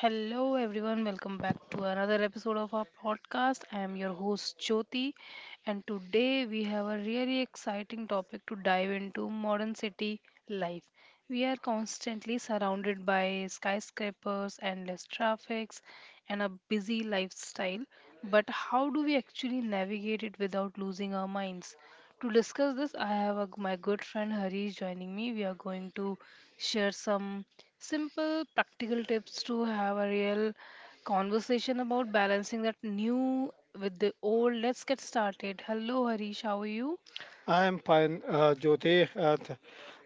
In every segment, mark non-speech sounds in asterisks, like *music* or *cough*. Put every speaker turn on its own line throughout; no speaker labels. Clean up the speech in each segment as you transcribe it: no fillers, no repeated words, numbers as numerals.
Hello, everyone. Welcome back to another episode of our podcast. I am your host, Jyoti, and today we have a really exciting topic to dive into modern city life. We are constantly surrounded by skyscrapers, endless traffics, and a busy lifestyle. But how do we actually navigate it without losing our minds? To discuss this, my good friend Harish joining me. We are going to share some simple practical tips to have a real conversation about balancing that new with the old. Let's get started. Hello, Harish. How are you?
I am fine, Jyoti. Uh, th-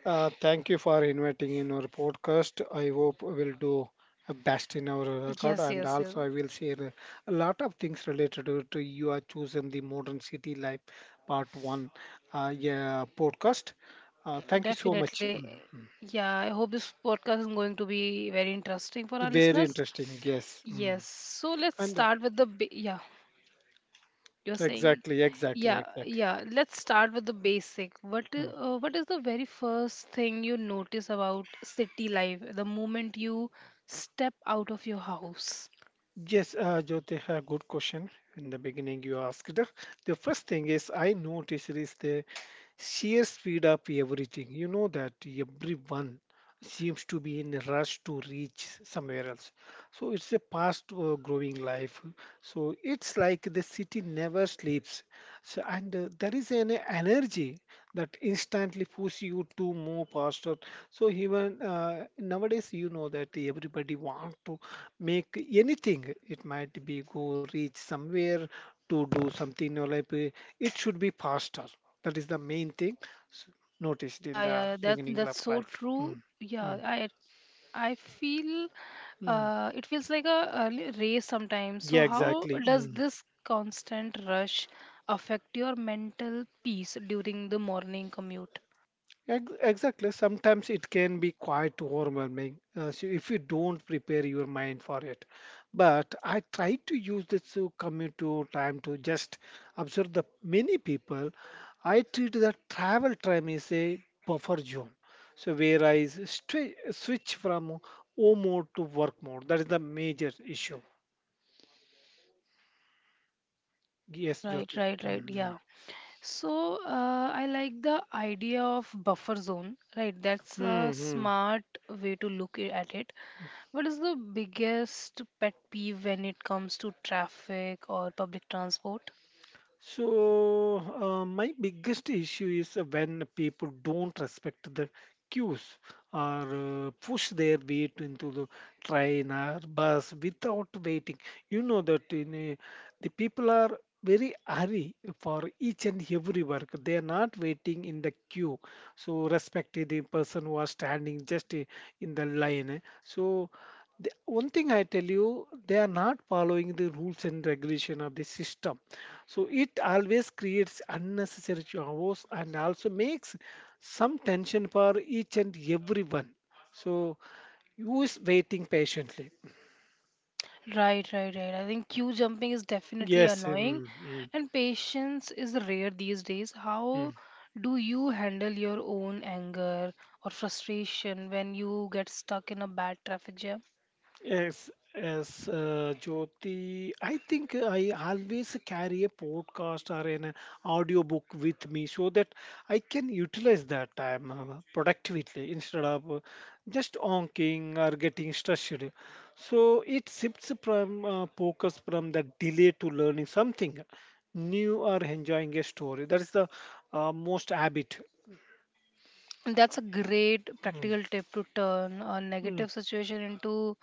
uh, Thank you for inviting in our podcast. I hope we'll do a best in our record,
Yes,
and
yes, yes.
also I will share a lot of things related to you are chosen the modern city life part one. Yeah, Podcast. Thank you so much.
Definitely. Yeah, I hope this podcast is going to be very interesting for
Mm.
our
Very
listeners.
interesting. Yes,
Yes.
mm.
So let's
and
start with the ba- yeah. You're saying,
exactly, exactly,
yeah,
exactly.
yeah. Let's start with the basic.
Mm.
What is the very first thing you notice about city life the moment you step out of your house?
Yes, Jyoti, a good question. In the beginning, you asked. The first thing is I noticed is the she has speed up everything. You know that everyone seems to be in a rush to reach somewhere else. So it's a fast growing life. So it's like the city never sleeps. So and there is an energy that instantly pushes you to move faster. So even nowadays, you know that everybody want to make anything. It might be go reach somewhere to do something or it should be faster, that is the main thing s- noticed in
Yeah,
the
yeah, that
beginning of
that's so
life.
true. Yeah,
Mm,
I I feel
mm.
it feels like a race sometimes. So
Yeah,
how
exactly.
does this constant rush affect your mental peace during the morning commute?
Exactly. Sometimes it can be quite overwhelming so if you don't prepare your mind for it. But I try to use this commute to time to just observe the many people. I treat the travel time as a buffer zone. So where I switch from home mode to work mode. That is the major issue. Yes,
Right,
Jyoti.
right, right.
Mm-hmm.
Yeah. So I like the idea of buffer zone, right? That's a
Mm-hmm.
smart way to look at it. What is the biggest pet peeve when it comes to traffic or public transport?
So, my biggest issue is when people don't respect the queues or push their weight into the train or bus without waiting. You know that the people are very hurry for each and every work. They are not waiting in the queue. So, respect the person who are standing just in the line. Eh. So, the one thing I tell you, they are not following the rules and regulation of the system. So it always creates unnecessary chaos and also makes some tension for each and everyone. So who is waiting patiently?
Right, right, right. I think queue jumping is definitely
Yes.
annoying,
mm, mm,
and patience is rare these days.
mm.
How do you handle your own anger or frustration when you get stuck in a bad traffic jam?
Yes, yes, Jyoti. I think I always carry a podcast or an audio book with me so that I can utilize that time productively instead of just honking or getting stressed. So it shifts from focus from the delay to learning something new or enjoying a story. That is the most habit.
That's a great
Mm,
practical tip to turn a
mm,
negative situation into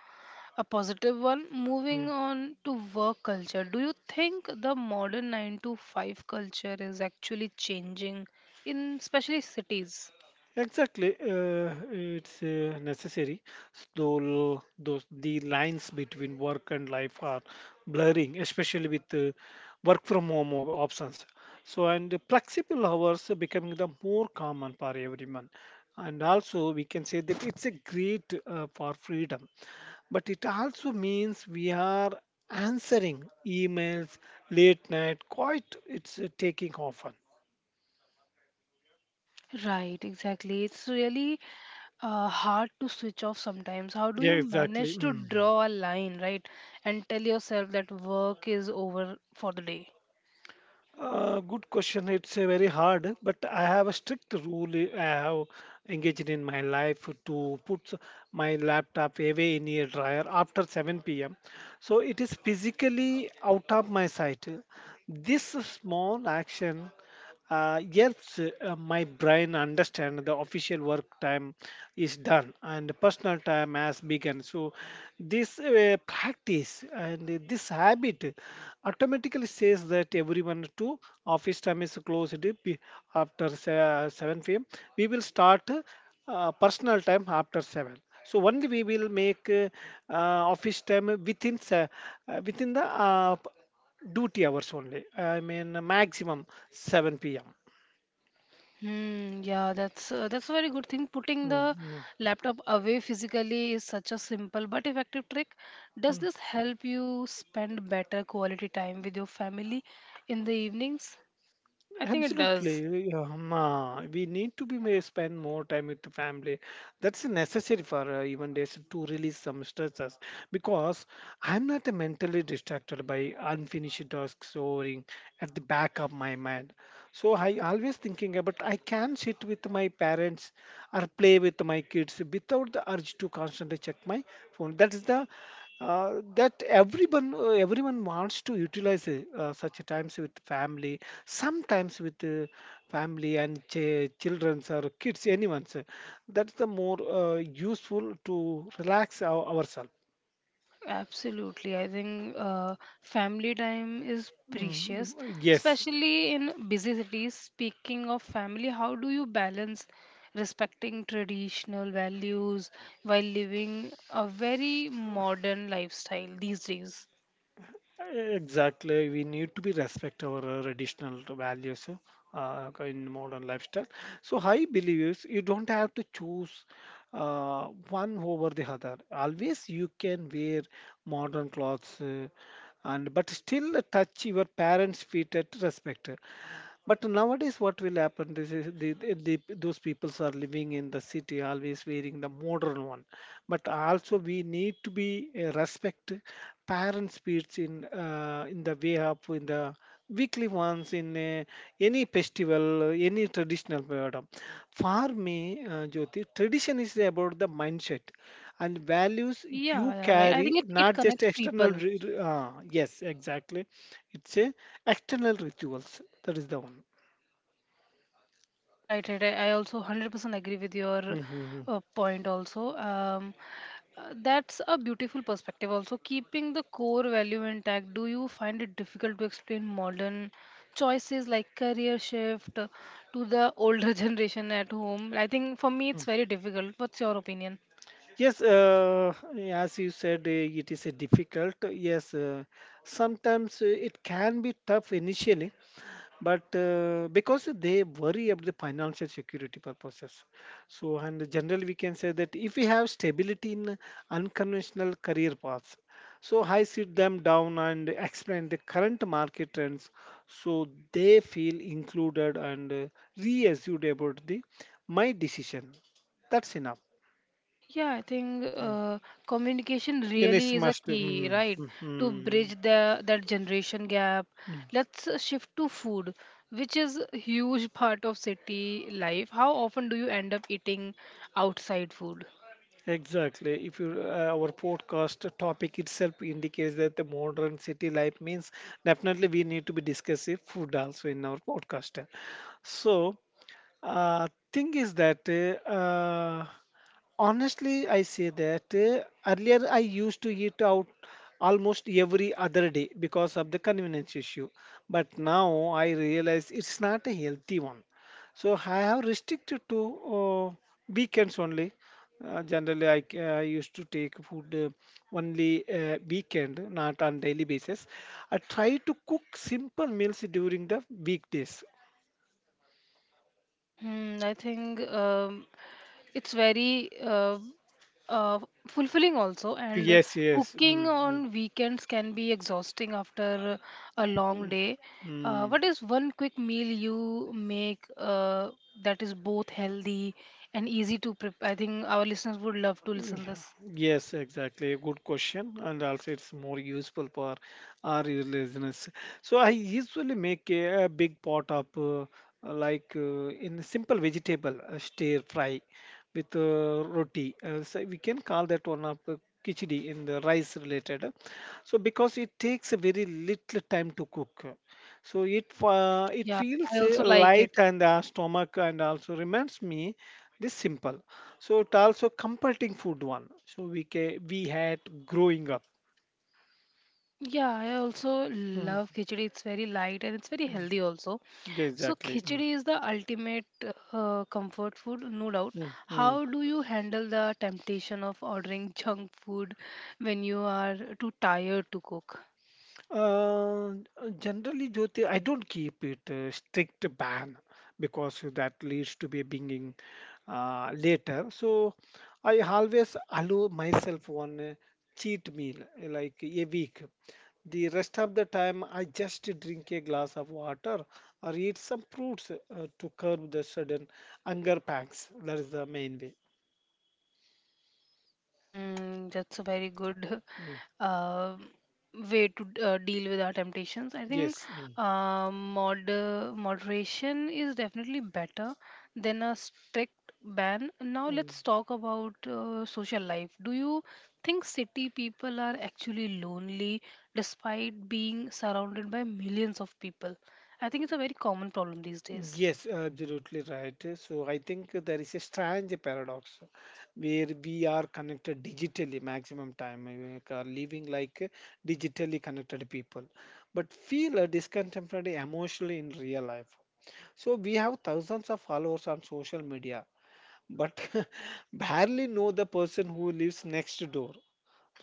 a positive one. Moving
mm.
on to work culture, do you think the modern 9 to 5 culture is actually changing in especially cities?
Exactly, it's necessary. Though those the lines between work and life are blurring, especially with work from options. So, and flexible hours are becoming the more common for everyone. And also, we can say that it's a great for freedom, but it also means we are answering emails late night. Quite, it's taking often.
Right, exactly. It's really hard to switch off sometimes. How do
Yeah,
you
exactly.
manage to
Mm.
draw a line, right? And tell yourself that work is over for the day?
Good question. It's a very hard, but I have a strict rule, I have engaged in my life to put my laptop away in a dryer after 7 p.m. So it is physically out of my sight. This small action helps my brain understand the official work time is done and personal time has begun. So this practice and this habit automatically says that everyone to office time is closed 7 p.m. We will start personal time after 7. So only we will make uh, office time within the duty hours only. I mean maximum 7 p.m.
Hmm, yeah, that's a very good thing. Putting the laptop away physically is such a simple but effective trick. Does
Mhm.
this help you spend better quality time with your family in the evenings? I think it does.
Absolutely. We need to be may spend more time with the family. That's necessary for even days to release some stresses because I'm not mentally distracted by unfinished tasks soaring at the back of my mind. So I always thinking about I can sit with my parents or play with my kids without the urge to constantly check my phone. That is the that everyone everyone wants to utilize such times with family, sometimes with family and children's or kids anyone's, that's the more useful to relax ourselves.
Absolutely. I think family time is
Mm,
precious,
yes.
especially in busy cities. Speaking of family, how do you balance respecting traditional values while living a very modern lifestyle these days?
Exactly, we need to be respect our traditional values in modern lifestyle. So I believe is you don't have to choose one over the other. Always you can wear modern clothes and but still touch your parents' feet at respect. But nowadays, what will happen? This is the those peoples are living in the city, always wearing the modern one. But also, we need to be respect parents' speech in the way up in the weekly ones in any festival, any traditional period. For me, Jyoti, tradition is about the mindset and values
Yeah,
you
yeah, right. I
carry,
think it
not just
connects
external.
people.
Yes, exactly. It's a external rituals, that is the one.
Right, right. I also 100% agree with your
Hmm.
point also. That's a beautiful perspective also. Keeping the core value intact, do you find it difficult to explain modern choices like career shift to the older *laughs* generation at home? I think for me it's very difficult. What's your opinion?
Yes, as you said, it is a difficult. Yes, sometimes it can be tough initially, but because they worry about the financial security purposes, so and generally we can say that if we have stability in unconventional career paths, so I sit them down and explain the current market trends, so they feel included and reassured about the my decision, that's enough.
Yeah, I think
Mm.
communication
in this
really is a
must
key,
mm,
right?
mm,
To
mm,
bridge the that generation gap.
mm.
Let's shift to food, which is a huge part of city life. How often do you end up eating outside food?
Exactly. If you our podcast topic itself indicates that the modern city life means definitely we need to be discussing food also in our podcast. So thing is that uh, honestly, I say that earlier I used to eat out almost every other day because of the convenience issue. But now I realize it's not a healthy one. So I have restricted to uh, weekends only. Generally, I used to take food only weekend, not on daily basis. I try to cook simple meals during the weekdays.
Hmm, I think it's very uh, fulfilling also and
Yes, yes.
cooking
Mm, mm,
on weekends can be exhausting after a long day.
mm.
What is one quick meal you make that is both healthy and easy to prepare? I think our listeners would love to listen this.
Yes, exactly. Good question. And also, it's more useful for our listeners. So, I usually make a big pot of like in simple vegetable stir fry with roti. So we can call that one of the khichdi in the rice related. So, because it takes a very little time to cook. So, it
Yeah, I
feels
also like it.
light and stomach and also reminds me this simple. So it also comforting food one. So we had growing up.
Yeah, I also
Mm,
love khichdi, it's very light and it's very
mm,
healthy also. So
Exactly.
khichdi is the ultimate comfort food, no doubt.
Mm, mm.
How do you handle the temptation of ordering junk food when you are too tired to cook?
Generally, Jyoti, I don't keep it strict ban because that leads to be being later. So I always allow myself one cheat meal like a week. The rest of the time, I just drink a glass of water or eat some fruits to curb the sudden hunger pangs. That is the main way.
Hmm, that's a very good *laughs*
Mm.
uh, way to deal with our temptations. I think
Yes. Mm.
uh, mod moderation is definitely better than a strict ban. Now
Mm.
let's talk about social life. Do you think city people are actually lonely despite being surrounded by millions of people? I think it's a very common problem these days.
Yes, absolutely right. So I think there is a strange paradox where we are connected digitally maximum time, are living like digitally connected people, but feel discontented emotionally in real life. So we have thousands of followers on social media, but *laughs* barely know the person who lives next door.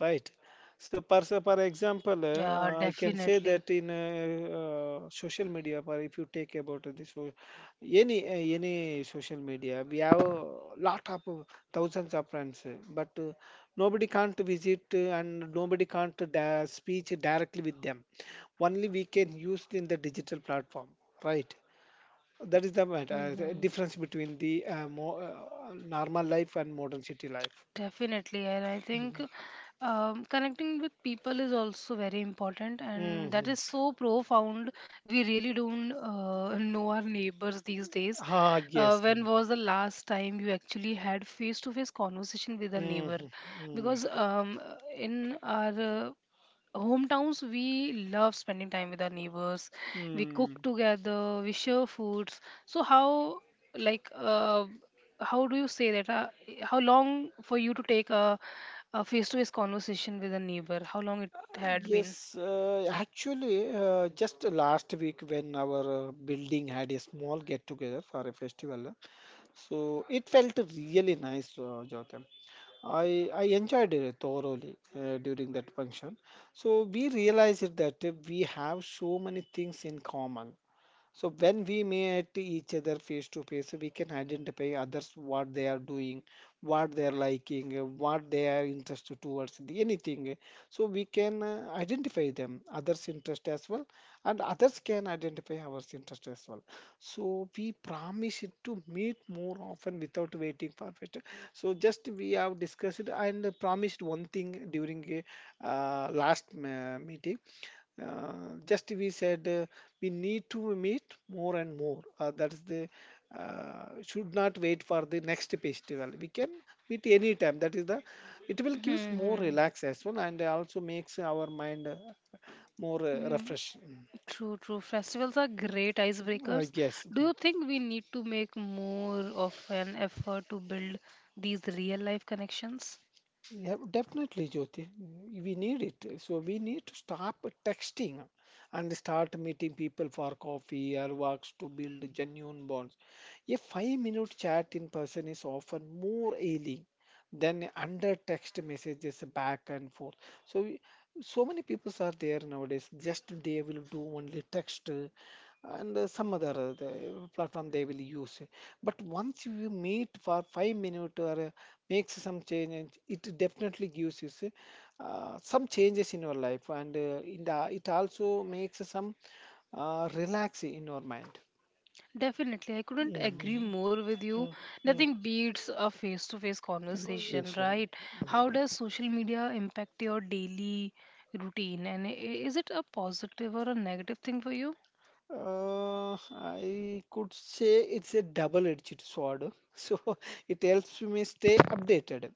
Right. So for example,
Yeah,
I can say
definitely.
that in social media, for if you take about any social media, we have a lot of thousands of friends, but nobody can't visit and nobody can't da- speak directly with them, only we can use in the digital platform. Right. That is the
*laughs*
difference between the normal life and modern city life.
Definitely, and I think
Mhm.
connecting with people is also very important, and that
Mm-hmm.
is so profound. We really don't know our neighbors these days.
Ah, yes.
When was the last time you actually had face-to-face conversation with a neighbor?
Mm-hmm. Mm.
Because in our uh, hometowns, we love spending time with our neighbors. We cook
Mm.
together, we share foods. So how, like uh, how do you say that? How long for you to take a face-to-face conversation with a neighbor? How long it had
Yes,
been?
actually, just last week when our building had a small get together for a festival, so it felt really nice, Jotham. I enjoyed it thoroughly during that function. So we realized that we have so many things in common. So when we meet each other face to face, we can identify others what they are doing, what they are liking, what they are interested towards the anything. So we can identify them, others' interest as well, and others can identify our interest as well. So we promise it to meet more often without waiting for it. So just we have discussed and promised one thing during last meeting, uh, just we said we need to meet more and more. That is the should not wait for the next festival. We can meet any time. That is the it will gives more
Hmm.
relax as well, and also makes our mind more
Hmm.
refreshing.
True, true. Festivals are great icebreakers.
Yes.
Do you think we need to make more of an effort to build these real life connections?
Yeah, definitely, Jyoti. We need it. So we need to stop texting and start meeting people for coffee or walks to build genuine bonds. A five-minute chat in person is often more ailing than under text messages back and forth. So, so many people are there nowadays. Just they will do only text and some other the platform they will use. But once you meet for 5 minutes or makes some change, and it definitely gives you say, some changes in your life and in the it also makes some relax in your mind.
Definitely, I
Hmm.
couldn't agree
Mm.
more with you.
Mm.
Nothing beats a face to face conversation,
Conversation.
right? How does social media impact your daily routine? And is it a positive or a negative thing for you?
I could say it's a double-edged sword, *laughs* so it helps me stay updated.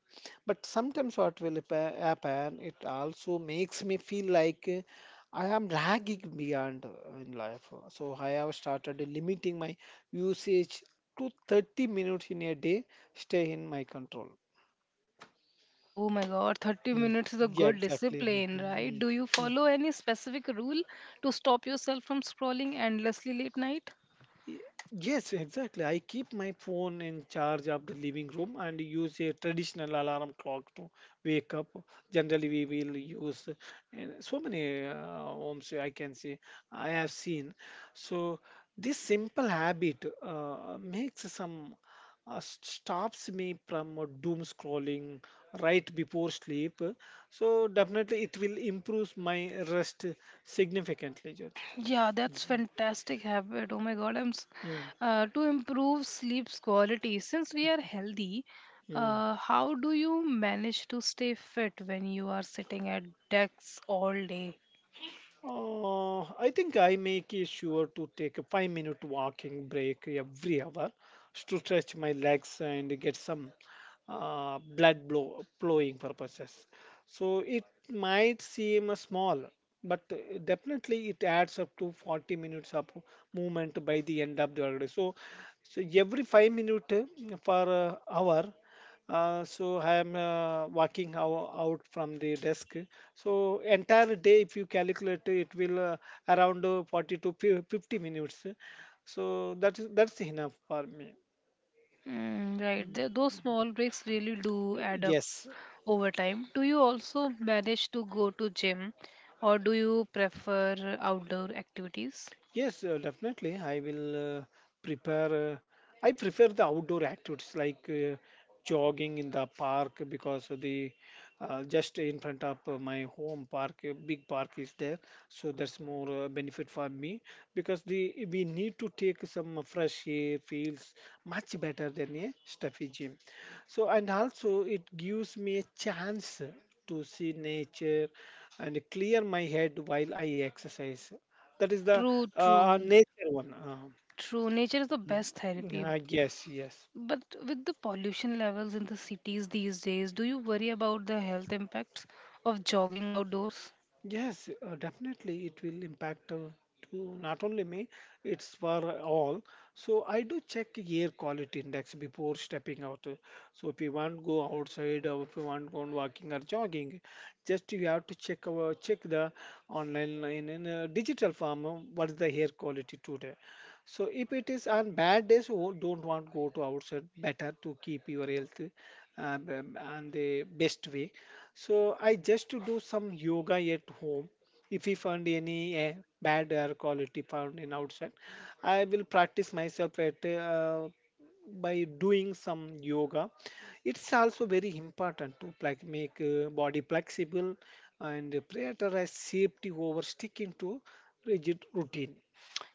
But sometimes what will happen, it also makes me feel like I am lagging beyond in life. So I have started limiting my usage to 30 minutes in a day, stay in my control.
Oh my god, 30
Mm.
minutes is a
Yeah,
good
exactly. Mhm,
discipline, right?
mhm,
Do you follow any specific rule to stop yourself from scrolling endlessly late night?
Y- yes, exactly. I keep my phone in charge of the living room and use a traditional alarm clock to wake up. Generally, we will use so many homes I can say I have seen. So this simple habit stops me from doom scrolling right before sleep. So definitely, it will improve my rest significantly, Jyoti.
Yeah, that's
Mm,
fantastic habit. Oh my God,
mm,
to improve sleep's quality. Since we are healthy,
mm.
how do you manage to stay fit when you are sitting at desks all day?
I think I make it sure to take a 5 minute walking break every hour to stretch my legs and get some flowing purposes. So it might seem small, but definitely it adds up to 40 minutes of movement by the end of the day. So, every 5 minute for hour, so I am walking out from the desk. So entire day, if you calculate, it will around 40 to 50 minutes. So that's enough for me.
Mm, right, those small breaks really do add up
Yes,
over time. Do you also manage to go to gym, or do you prefer outdoor activities?
yes, definitely. I will prepare. I prefer the outdoor activities like jogging in the park, because of the just in front of my home park, a big park is there. So that's more benefit for me, because the we need to take some fresh air, feels much better than a stuffy gym. So and also, it gives me a chance to see nature and clear my head while I exercise. That is the
True,
uh,
true,
Nature one.
true. Nature is the best
Mhm.
therapy.
Yes, yes.
But with the pollution levels in the cities these days, do you worry about the health impacts of jogging outdoors?
Yes, definitely it will impact to not only me, it's for all. So I do check air quality index before stepping out. So if you want to go outside, or if you want to go on walking or jogging, just you have to check the online in a digital form, what is the air quality today. So if it is on bad days, oh, don't want go to outside. Better to keep your health, and the best way. So I just to do some yoga at home. If we find any bad air quality found in outside, I will practice myself at by doing some yoga. It's also very important to like make body flexible and prioritize safety over sticking to rigid routine.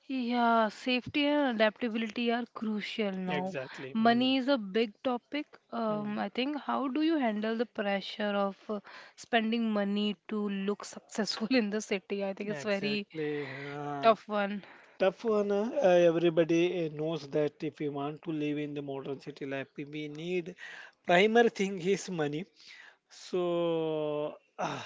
Yeah, safety and adaptability are crucial now.
Exactly.
Money
Mm.
is a big topic.
Mm.
I think how do you handle the pressure of spending money to look *laughs* successful in the city? I think it's very
Exactly. Huh.
tough one.
Tough one. Everybody knows that if we want to live in the modern city life, we need primary thing is money. So, uh,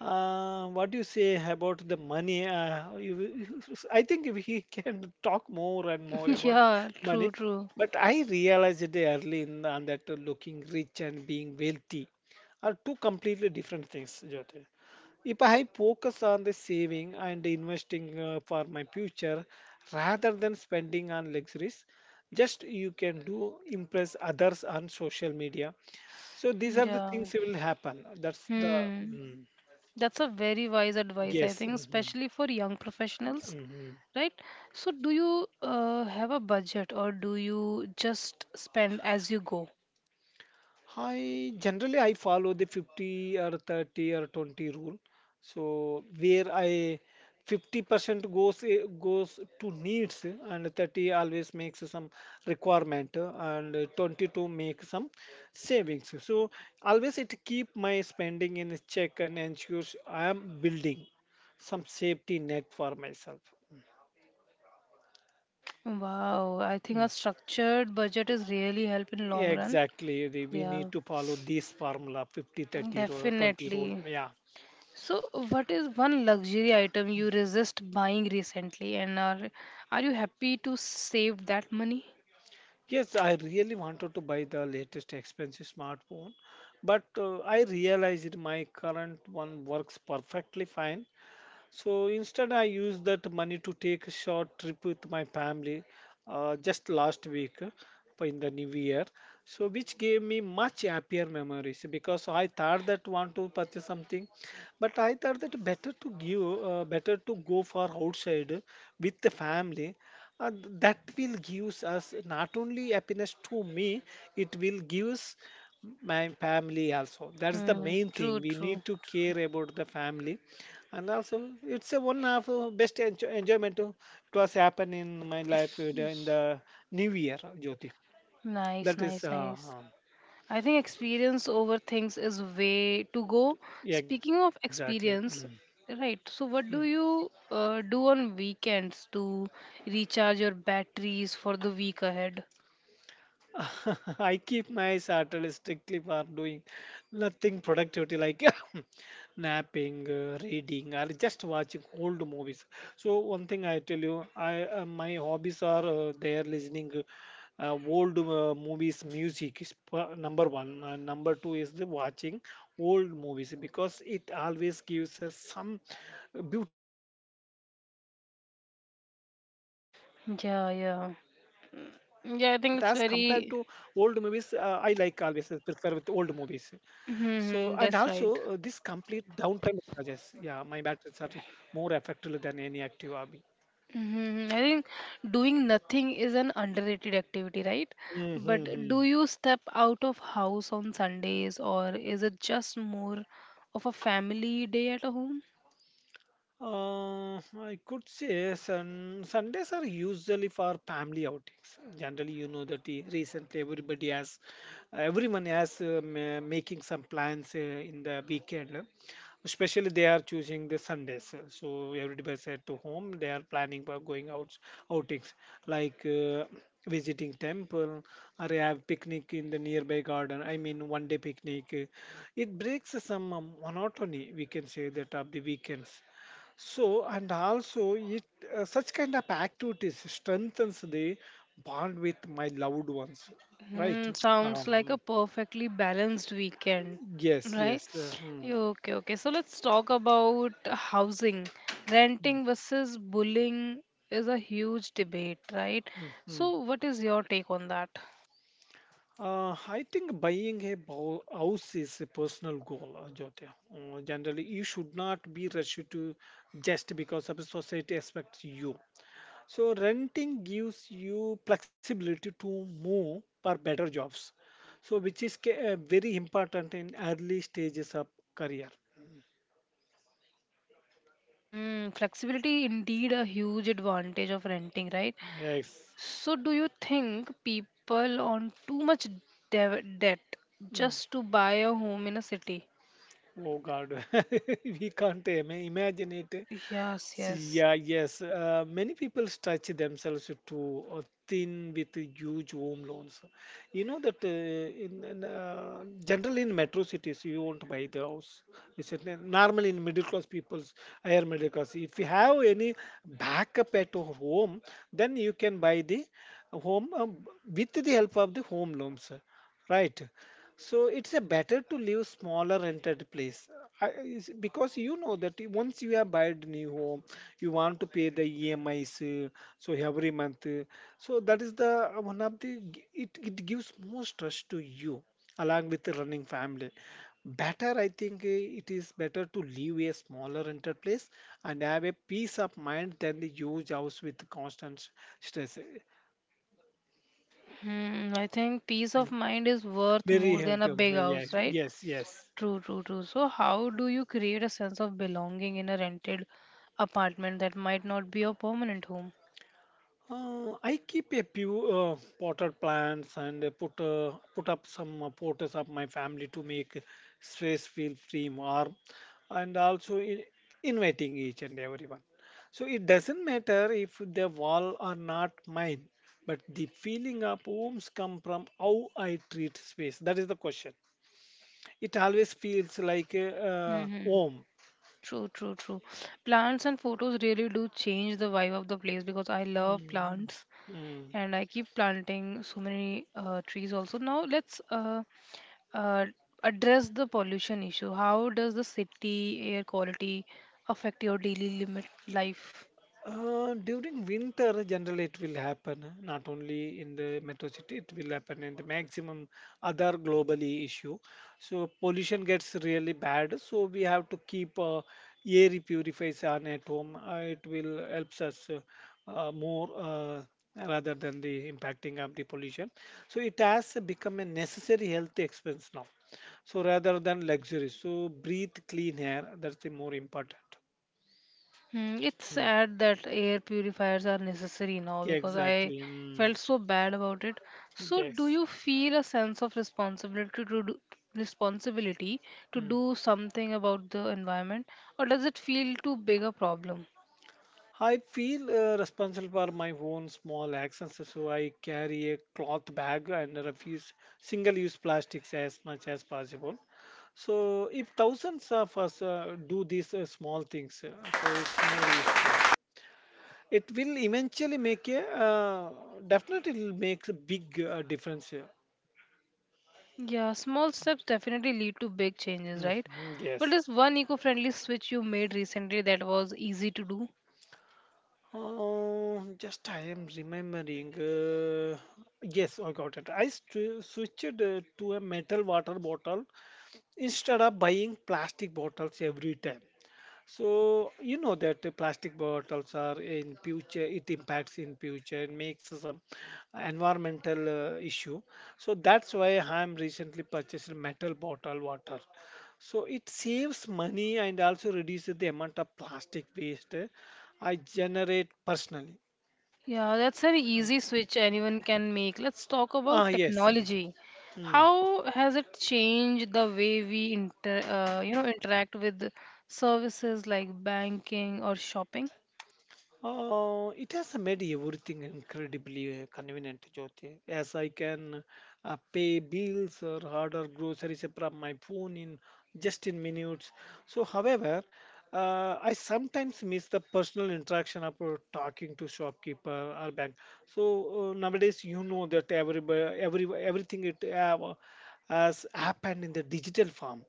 uh, what do you say about the money? I think we *laughs* can talk more and more
*laughs*
about
Yeah,
money.
true, true.
But I realized it early in on that looking rich and being wealthy are two completely different things, Jyoti. If I focus on the saving and investing for my future rather than spending on luxuries, just you can do impress others on social media. So these are the
Yeah.
things will happen. That's the
Hmm.
Mm.
That's a very wise advice, I
Yes.
think,
Hmm.
especially for young professionals,
Hmm.
right? So, do you have a budget or do you just spend as you go?
I generally I follow the 50 or 30 or 20 rule. So where I 50% goes, goes to needs, and 30 always makes some requirement, 20 to make some savings. So always it keep my spending in check and ensures I am building some safety net for myself.
Wow, I think a
Mm.
structured budget is really help in long run.
Exactly. We need
Yeah,
to follow this formula, 50 30 rule 20 rule.
definitely.
Yeah.
So, what is one luxury item you resist buying recently, and are you happy to save that money?
Yes, I really wanted to buy the latest expensive smartphone, but I realized my current one works perfectly fine. So instead, I used that money to take a short trip with my family, just last week, in the new year. So which gave me much happier memories, because I thought that want to purchase something, but I thought that better to give, better to go for outside with the family. Uh, that will gives us not only happiness to me, it will gives my family also. That's the
Hmm,
main
true,
thing. We
true,
need to
true.
care about the family, and also it's a one of best enjoyment, it was happen in my life in the new year, Jyoti.
Nice,
That is
nice, nice. I think experience over things is way to go.
Yeah,
Speaking
exactly.
of
Mm.
experience, right? So, what do you do on weekends to recharge your batteries for the week ahead?
Mm. *laughs* I keep my Saturday strictly for doing nothing productivity, like *laughs* napping, reading, or just watching old movies. So one thing I tell you, I my hobbies are there, listening old movies music is number one, and number two is the watching old movies, because it always gives us some beautiful stories. So nowadays movies are good, but as compared
Yeah,
to
yeah,
old movies, I
yeah. I
like
think it's
always
very.
prefer with old movies. So, and also this complete
Mm-hmm, that's
downtime
right.
charges. Yeah, my batteries are more effective than any active hobby.
Mm-hmm. I think doing nothing is an underrated activity, right? But
Mm-hmm.
do you step out of house on Sundays, or is it just more of a family day at home?
I could say Sundays are usually for family outings. Generally, you know that recently everyone has making some plans in the weekend. Especially they are choosing the Sundays. So everybody's at home. They are planning for going out outings like visiting temple or have picnic in the nearby garden. I mean one day picnic. It breaks some monotony, we can say, that of the weekends. So, and also, it such kind of activities strengthens the bond with my loved ones, right?
Hmm, sounds like a
Um,
perfectly balanced weekend,
yes,
right?
yes. Hmm,
Okay, okay. So let's talk about housing. Renting versus bullying is a huge debate, right?
hmm, hmm.
So, what is your take on that?
I think buying a house is a personal goal, Jyoti. Generally, you should not be rushed to just because of the society expects you. So renting gives you flexibility to move for better jobs. So which is very important in early stages of career.
Hmm, flexibility indeed a huge advantage of renting, right?
Yes.
So, do you think people on too much dev debt
Mm.
just to buy a home in a city?
Oh God, *laughs* we can't imagine it.
Yes, yes.
Yeah, yes. Many people stretch themselves to thin with huge home loans. You know that in generally in metro cities you won't buy the house. It's normally in middle class people's, higher middle class. If you have any backup at home, then you can buy the home, with the help of the home loans, right? So it's a better to live smaller rented place, because you know that once you have bought new home, you want to pay the EMIs, so every month. So that is the one of the g- it gives more stress to you, along with the running family. Better, I think it is better to live a smaller rented place and have a peace of mind than the huge house with constant stress.
Hmm, I think peace of mind is worth
Very
more than a
handsome.
big house,
Yes,
right?
yes, yes.
True, true, true. So, how do you create a sense of belonging in a rented apartment that might not be your permanent home?
I keep a few potted plants and put up some potters of my family to make stress feel free, warm, and also inviting each and everyone. So it doesn't matter if the wall are not mine, but the feeling of homes come from how I treat space. That is the question. It always feels like a
Mm-hmm.
home.
True, true, true. Plants and photos really do change the vibe of the place because I love
Mm,
plants
mm.
and I keep planting so many trees also. Now, let's uh, address the pollution issue. How does the city air quality affect your daily limit life?
During winter, generally it will happen. Not only in the metro city, it will happen in the maximum other globally issue. So pollution gets really bad. So we have to keep air purifiers on at home. It will helps us, more, rather than the impacting of the pollution. So it has become a necessary health expense now, so rather than luxury. So breathe clean air. That's the more important.
Hmm, it's
Mm.
sad that air purifiers are necessary now
Yeah,
because I
exactly. Mm.
felt so bad about it. So, do
Yes.
you feel a sense of responsibility to
Mm.
do something about the environment, or does it feel too big a problem?
I feel responsible for my own small actions, so I carry a cloth bag and refuse single-use plastics as much as possible. So, if thousands of us do these small things, so it's more useful. It will eventually make a, definitely it will make a big difference here.
Yeah, small steps definitely lead to big changes, right?
Mhm,
But
yes.
there's one eco-friendly switch you made recently that was easy to do.
Just I am remembering. Yes, I got it. I switched to a metal water bottle instead of buying plastic bottles every time. So you know that the plastic bottles are in future. It impacts in future and makes some environmental issue. So that's why I am recently purchased a metal bottle water. So it saves money and also reduces the amount of plastic waste I generate personally.
Yeah, that's an easy switch anyone can make. Let's talk
Ah,
about
yes.
technology.
Hmm.
How has it changed the way we you know, interact with services like banking or shopping?
It has made everything incredibly convenient, Jyoti, as I can pay bills or order groceries from my phone in just in minutes. However, I sometimes miss the personal interaction of talking to shopkeeper or bank. So nowadays, you know that everybody, every everything it has happened in the digital form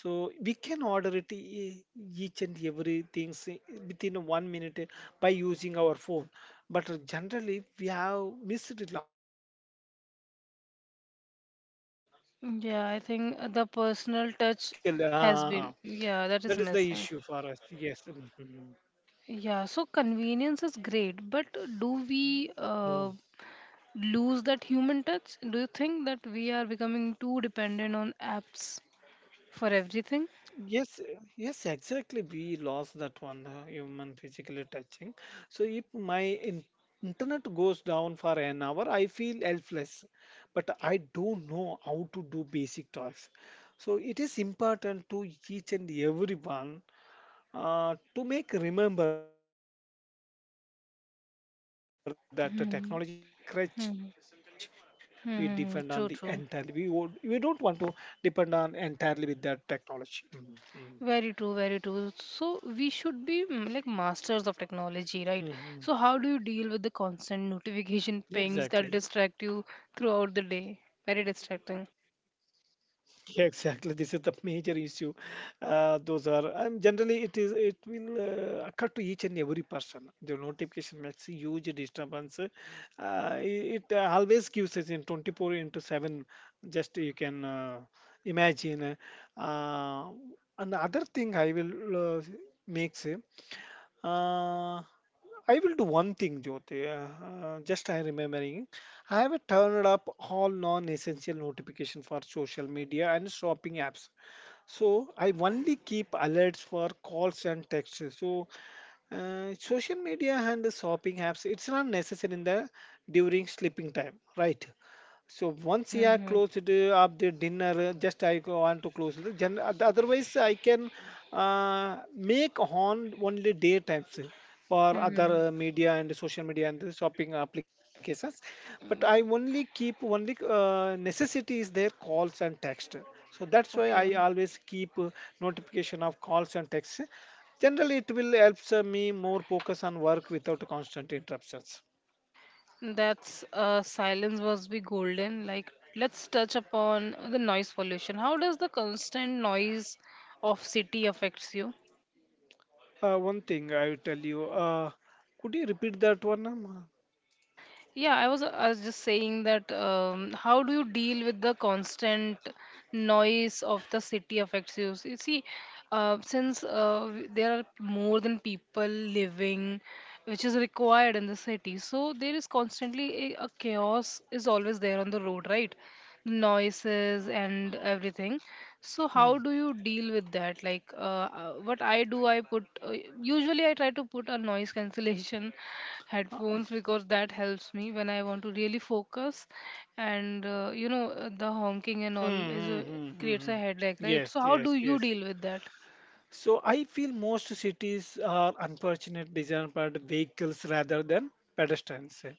so we can order it each and everything within 1 minute by using our phone. But generally, we have missed a lot of things. Interaction with the shopkeeper and
Yeah,
checking
I think
other
the
in the
personal
physical.
touch has been,
That is
yeah, that
the
is
issue for us.
missing.
Yes.
Yeah, so convenience is great, but do we
Mhm.
lose that human touch? Do you think that we are becoming too dependent on apps for everything?
Yes, exactly. We lost that one human physically touching. So if my in internet goes down for an hour, I feel helpless, but I don't know how to do basic tasks. So it is important to each and everyone to make remember that the technology is the tool help us, but not a crutch.
Hmm,
We depend on the
hmm.
entirely. We don't want
Mm-hmm.
to
True, true.
depend on entirely with that technology. Mhm.
Very true, very true. So we should be mm, like masters of
Mhm.
technology, right? So how do you deal with the
Yeah,
constant
exactly.
notification
*laughs*
pings that distract you throughout the day? Very distracting.
Yeah, exactly. This is the major issue. Those are, and generally it will occur to each and every person. The notification makes a huge disturbance. It always gives us in 24 into 7. Just you can imagine. Uh, another thing I will makes. Uh, I will do one thing, Jyoti. Just I remembering, I have turned up all non-essential notification for social media and shopping apps. So I only keep alerts for calls and texts. So social media and the shopping apps, it's not necessary in the during sleeping time, right? So once I are
Mm-hmm.
closed up the dinner, just I go want to close the otherwise, I can make on only day times for
Hmm.
other media and social media and the shopping applications. But I only keep only necessity is there calls and text. So that's why
Okay.
I always keep notification of calls and texts. Generally, it will help me more focus on work without constant interruptions.
That's silence was be golden. Like let's touch upon the noise pollution. How does the constant noise of city affects you?
One thing I will tell you. Could you repeat that one?
Yeah, I was just saying that how do you deal with the constant noise of the city affects you? You see, since there are more than people living, which is required in the city, so there is constantly a chaos is always there on the road, right? Noises and everything. So
Hmm.
how do you deal with that, like what I do, I put usually I try to put a noise cancellation *laughs*
Uh,
headphones, because that helps me when I want to really focus. And the honking and
hmm,
all is
hmm, hmm, hmm,
creates
hmm.
a headache, right?
Yes,
So how do
yes,
you
yes.
deal with that?
So I feel most cities are unfortunate designed by the vehicles rather than pedestrians,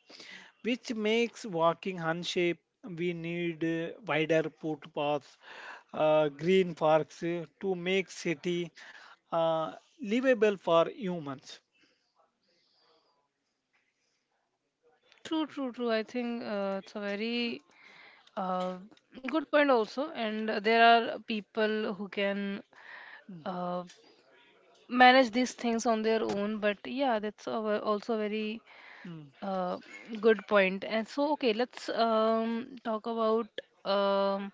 which makes walking unsafe. We need wider footpaths, green parks to make city uh, livable for humans.
True, true, true. I think it's a very uh, good point also, and there are people who can
Mm,
uh, manage these things on their own, but yeah, that's a also very
mm,
uh, good point. And so, okay, let's talk about um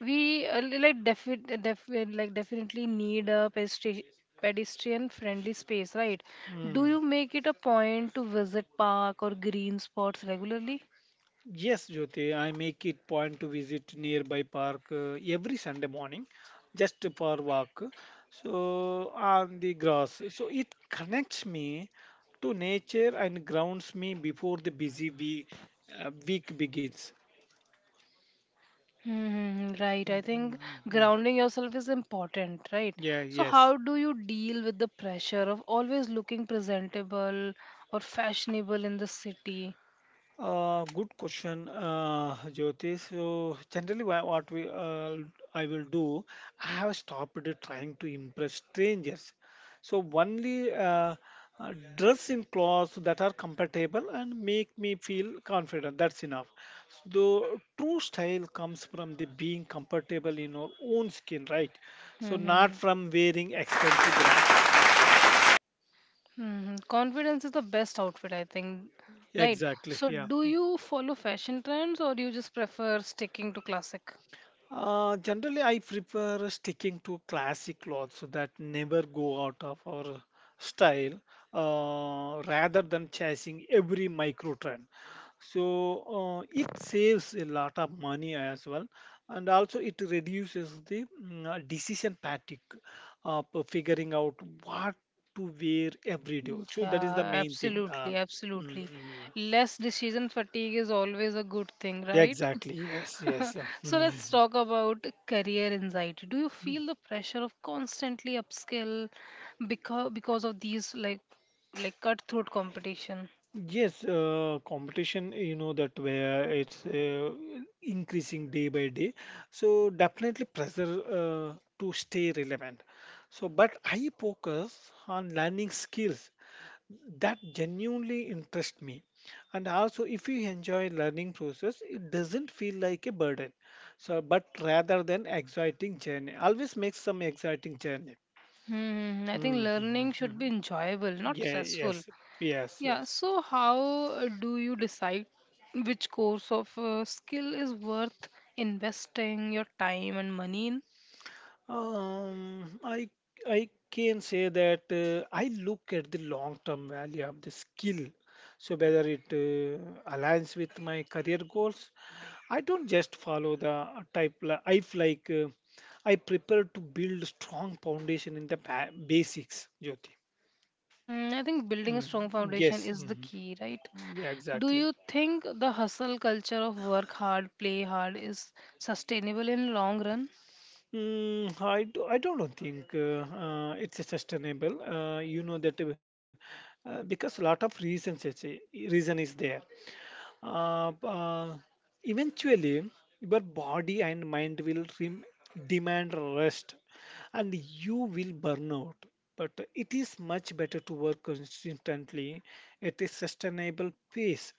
we definitely need a pedestrian friendly space, right? Do
mm.
you make it a point to visit park or green spots regularly?
Yes, Jyoti, I make it point to visit nearby park every Sunday morning just for walk. So on the grass. So it connects me to nature and grounds me before the busy week begins.
Hmm, right. I think
Mhm.
grounding yourself is important, right?
Yeah,
So,
yes.
how do you deal with the pressure of always looking presentable or fashionable in the city?
Good question, Jyoti. So generally, wha- what we I will do, I have stopped trying to impress strangers. So only dress in clothes that are compatible and make me feel confident. That's enough. The true style comes from the being comfortable in our own skin, right? So not
Mm-hmm.
from wearing expensive brands.
Hmm, confidence is the best outfit, I think, right?
Exactly.
So,
Yeah.
do you follow fashion trends or you just prefer sticking to classic?
Generally, I prefer sticking to classic clothes that never go out of our style rather than chasing every micro trend. So, it saves a lot of money as well, and also it reduces the decision fatigue of figuring out what to wear every day. So,
Yeah,
that is the main thing.
absolutely,
Mm,
absolutely.
mm, mm.
Less decision fatigue is always a good thing, right?
Exactly. Yes,
*laughs*
yes.
So
Mm.
let's talk about career anxiety. Do you feel the pressure of constantly upskill because of these like cutthroat competition?
Yes, Competition, you know, that where it's increasing day by day. So definitely pressure to stay relevant. So, but I focus on learning skills that genuinely interest me. And also, if you enjoy learning process, it doesn't feel like a burden. So, but rather than exciting journey, always make some exciting journey.
Hmm, I think learning should
Mm-hmm.
be enjoyable, not
Yeah.
stressful.
Yes. Yes.
Yeah,
Yes.
so how do you decide which course of skill is worth investing your time and money in?
Um, I I can say that I look at the long-term value of the skill. So whether it aligns with my career goals, I don't just follow the type. Li- I f- like I prepare to build strong foundation in the basics, Jyoti.
Hmm, I think building a
Mm,
strong foundation
yes.
is the
Mhm.
key, right?
Yeah,
Do
exactly.
you think the hustle culture of work hard, play hard is sustainable in long run?
I don't think it's sustainable. You know that because a lot of reasons, reason is there. uh, uh, Eventually your body and mind will demand rest and you will burn out, but it is much better to work consistently at a sustainable pace,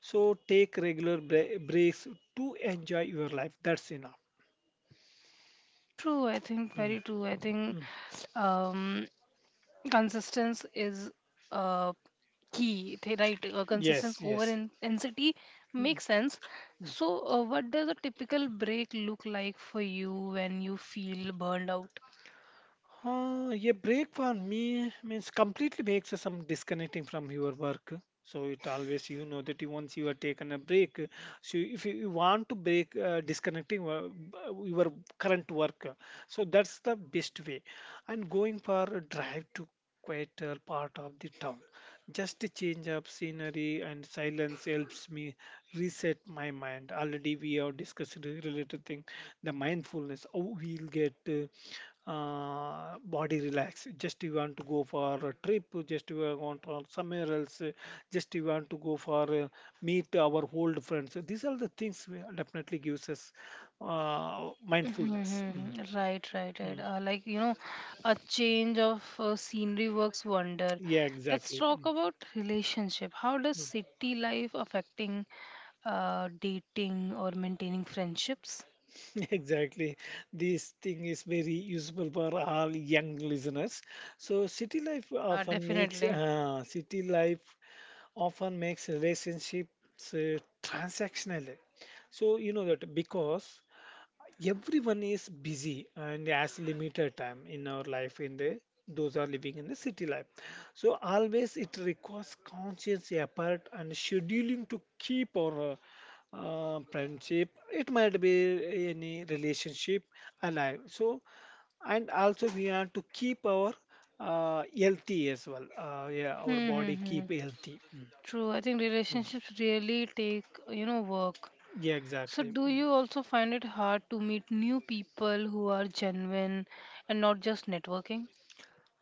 so take regular breaks to enjoy your life. That's enough.
True, I think
Mm,
very true. I think
mm.
um, consistency is uh, key, right? Consistency
Yes,
over
yes.
in intensity
Mm.
makes sense. So, what does a typical break look like for you when you feel burned out?
Yeah, break for me means completely makes us some disconnecting from your work. So it always you know that you once you are taken a break. So if you want to break disconnecting your current work, so that's the best way. And going for a drive to quieter part of the town, just to change up scenery and silence helps me reset my mind. Already we have discussed the related thing the mindfulness. Oh, we'll get body relax, just you want to go for a trip, just you are want on somewhere else, just you want to go for meet our old friends. These are the things we definitely gives us mindfulness. Mm,
Mm-hmm. Right, right, right.
mm.
Like, you know, a change of scenery works wonder.
Yeah,
Let's
exactly.
talk
Mm,
about relationship. How does
mm.
city life affecting dating or maintaining friendships?
*laughs* Exactly. This thing is very useful for all young listeners. So
Yeah, definitely.
city life often makes relationships transactional. So you know that because everyone is busy and has limited time in our life in the those are living in the city life. So always it requires conscious effort and scheduling to keep our friendship. It might be any relationship alive. So and also we have to keep our healthy as well. Yeah, our body
Mm-hmm.
keep healthy. Hmm.
True. I think
Mm.
relationships really take, you know, work.
Yeah,
So,
exactly.
do
Mm.
you also find it hard to meet new people who are genuine and not just networking?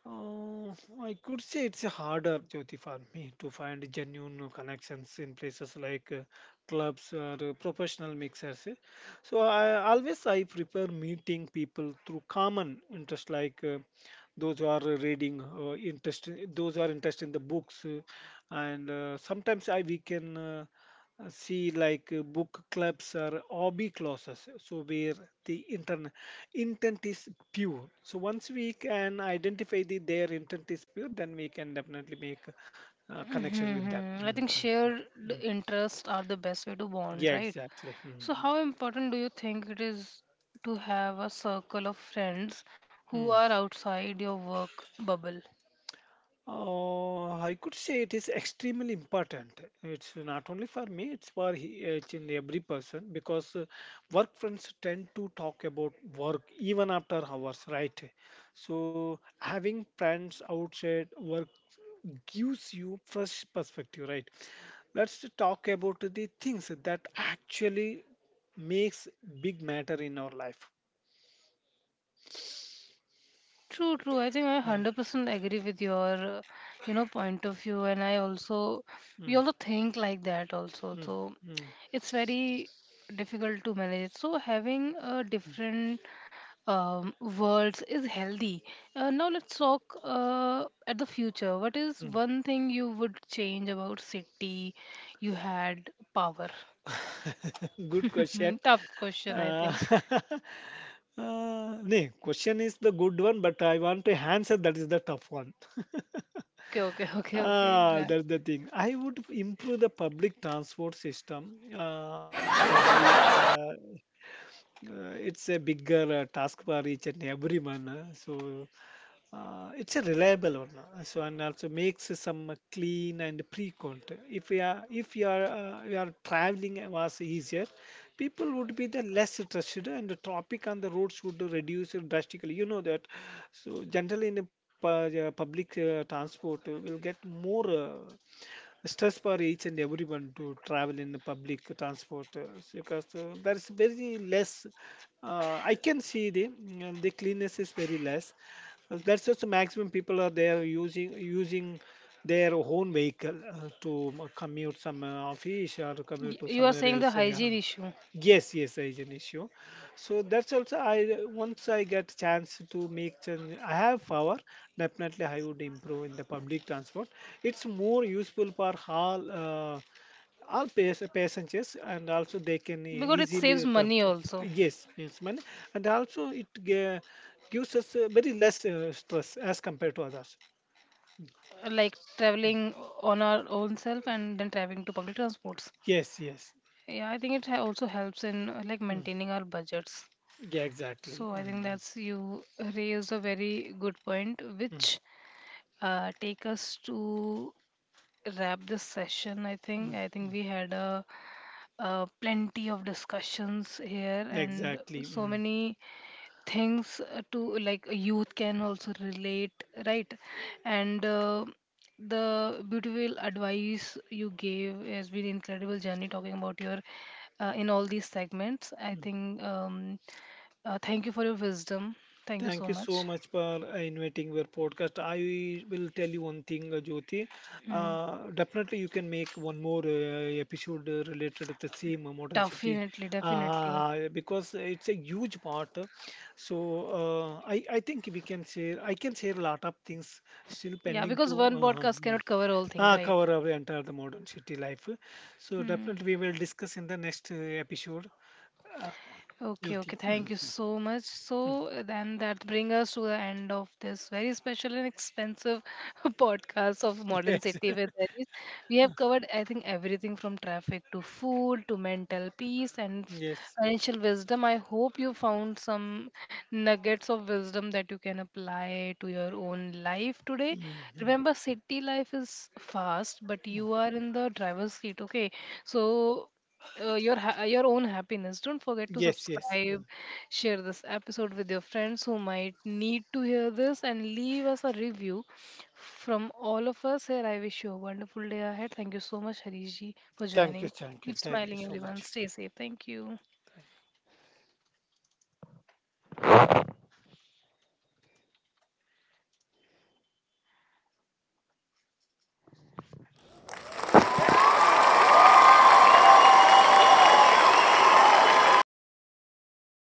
Uh, I could say it's harder, Jyoti, for me to find genuine connections in places like clubs or professional mixers. Eh. So I always I prefer meeting people through common interest, like those who are reading, interest, those who are interested in the books, and sometimes I we can. See like book clubs or hobby classes, so where the intern intent is pure. So once we can identify the their intent is pure, then we can definitely make a connection with them.
Mm-hmm. I think
Mhm.
shared
Mm.
interests are the best way to
Yeah,
bond, right?
exactly.
So, how important do you think it is to have a circle of friends who are
Mhm.
outside your work bubble?
I could say it is extremely important. It's not only for me, it's for each and every person, because work friends tend to talk about work even after hours, right? So, having friends outside work gives you fresh perspective, right? Let's talk about the things that actually makes big matter in our life.
True, true. I think I
Mm,
100% agree with your, you know, point of view, and I also we
mm,
also think like that also.
mm,
So
mm,
it's very difficult to manage it. So having a different worlds is healthy. Now let's talk at the future. What is
mm.
one thing you would change about city you had power?
*laughs* Good question.
*laughs* Tough question, I
Uh,
think.
*laughs* Question is the good one, but I want to answer that is the tough one. *laughs*
Okay, okay, *laughs* okay, okay.
Ah,
That,
that's the thing. I would improve the public transport system. It's a bigger task for each and everyone. It's a reliable one. So and also makes some clean and pre-count. If you are you are traveling was easier, people would be the less trusted and the traffic on the roads would reduce drastically. You know that. So generally in the public transport will get more. Stress for each and everyone to travel in the public transport because there is very less I can see the the cleanness is very less. That's just maximum people are there using their own vehicle to commute some office or to commute to
you are
somewhere
saying
else,
the
yeah.
hygiene issue?
Yes, yes, there is an issue. So that's also I once I get chance to make change I have power, definitely I would improve in the public transport. It's more useful for all passengers, and also they can
Because it saves
easily talk
money
to.
also,
Yes, it's money, and also it gives us very less stress as compared to others.
like traveling on our own self and then traveling to public transports.
Yes, yes.
Yeah, I think it also helps in like
Mm.
maintaining our budgets.
Yeah, exactly.
So I think
Mm-hmm.
that's, you raised a very good point, which
Mm,
take us to wrap this session. i
mm,
think
mm.
i think we had a plenty of discussions here,
Mm.
and
Exactly.
so
Mm.
many things to, like, a youth can also relate, right? And the beautiful advice you gave has been incredible journey talking about your in all these segments. I think thank you for your wisdom. Thank you
Thank
so
you so
much.
much for inviting your podcast. I will tell you one thing, Jyoti.
Mm.
Definitely, you can make one more episode related to the same modern city
Definitely, definitely.
because it's a huge part. So I think we can share. I can share a lot of things still
Yeah,
pending
because
to.
one podcast cannot cover all thing, right?
Cover our entire the modern city life. So
Hmm.
definitely we will discuss in the next episode. Uh,
Okay, okay.
Jyoti. *laughs*
Thank you so much. So then that brings us to the end of this very special and expensive *laughs* podcast of Modern
Yes.
City with Aris. We have covered, I think, everything from traffic to food to mental peace and
*laughs* Yes.
financial wisdom. I hope you found some nuggets of wisdom that you can apply to your own life today.
Mm, mm.
Remember, city life is fast, but you are in the driver's seat. Okay, so your your own happiness, don't forget to
Yes, yes.
subscribe,
Mm.
share this episode with your friends who might need to hear this, and leave us a review. From all of us here, I wish you a wonderful day ahead. Thank you so much, Harishji, for
Thank you,
joining.
thank you,
Keep
thank you
smiling
so
everyone,
much.
stay safe, thank you.
Thank you.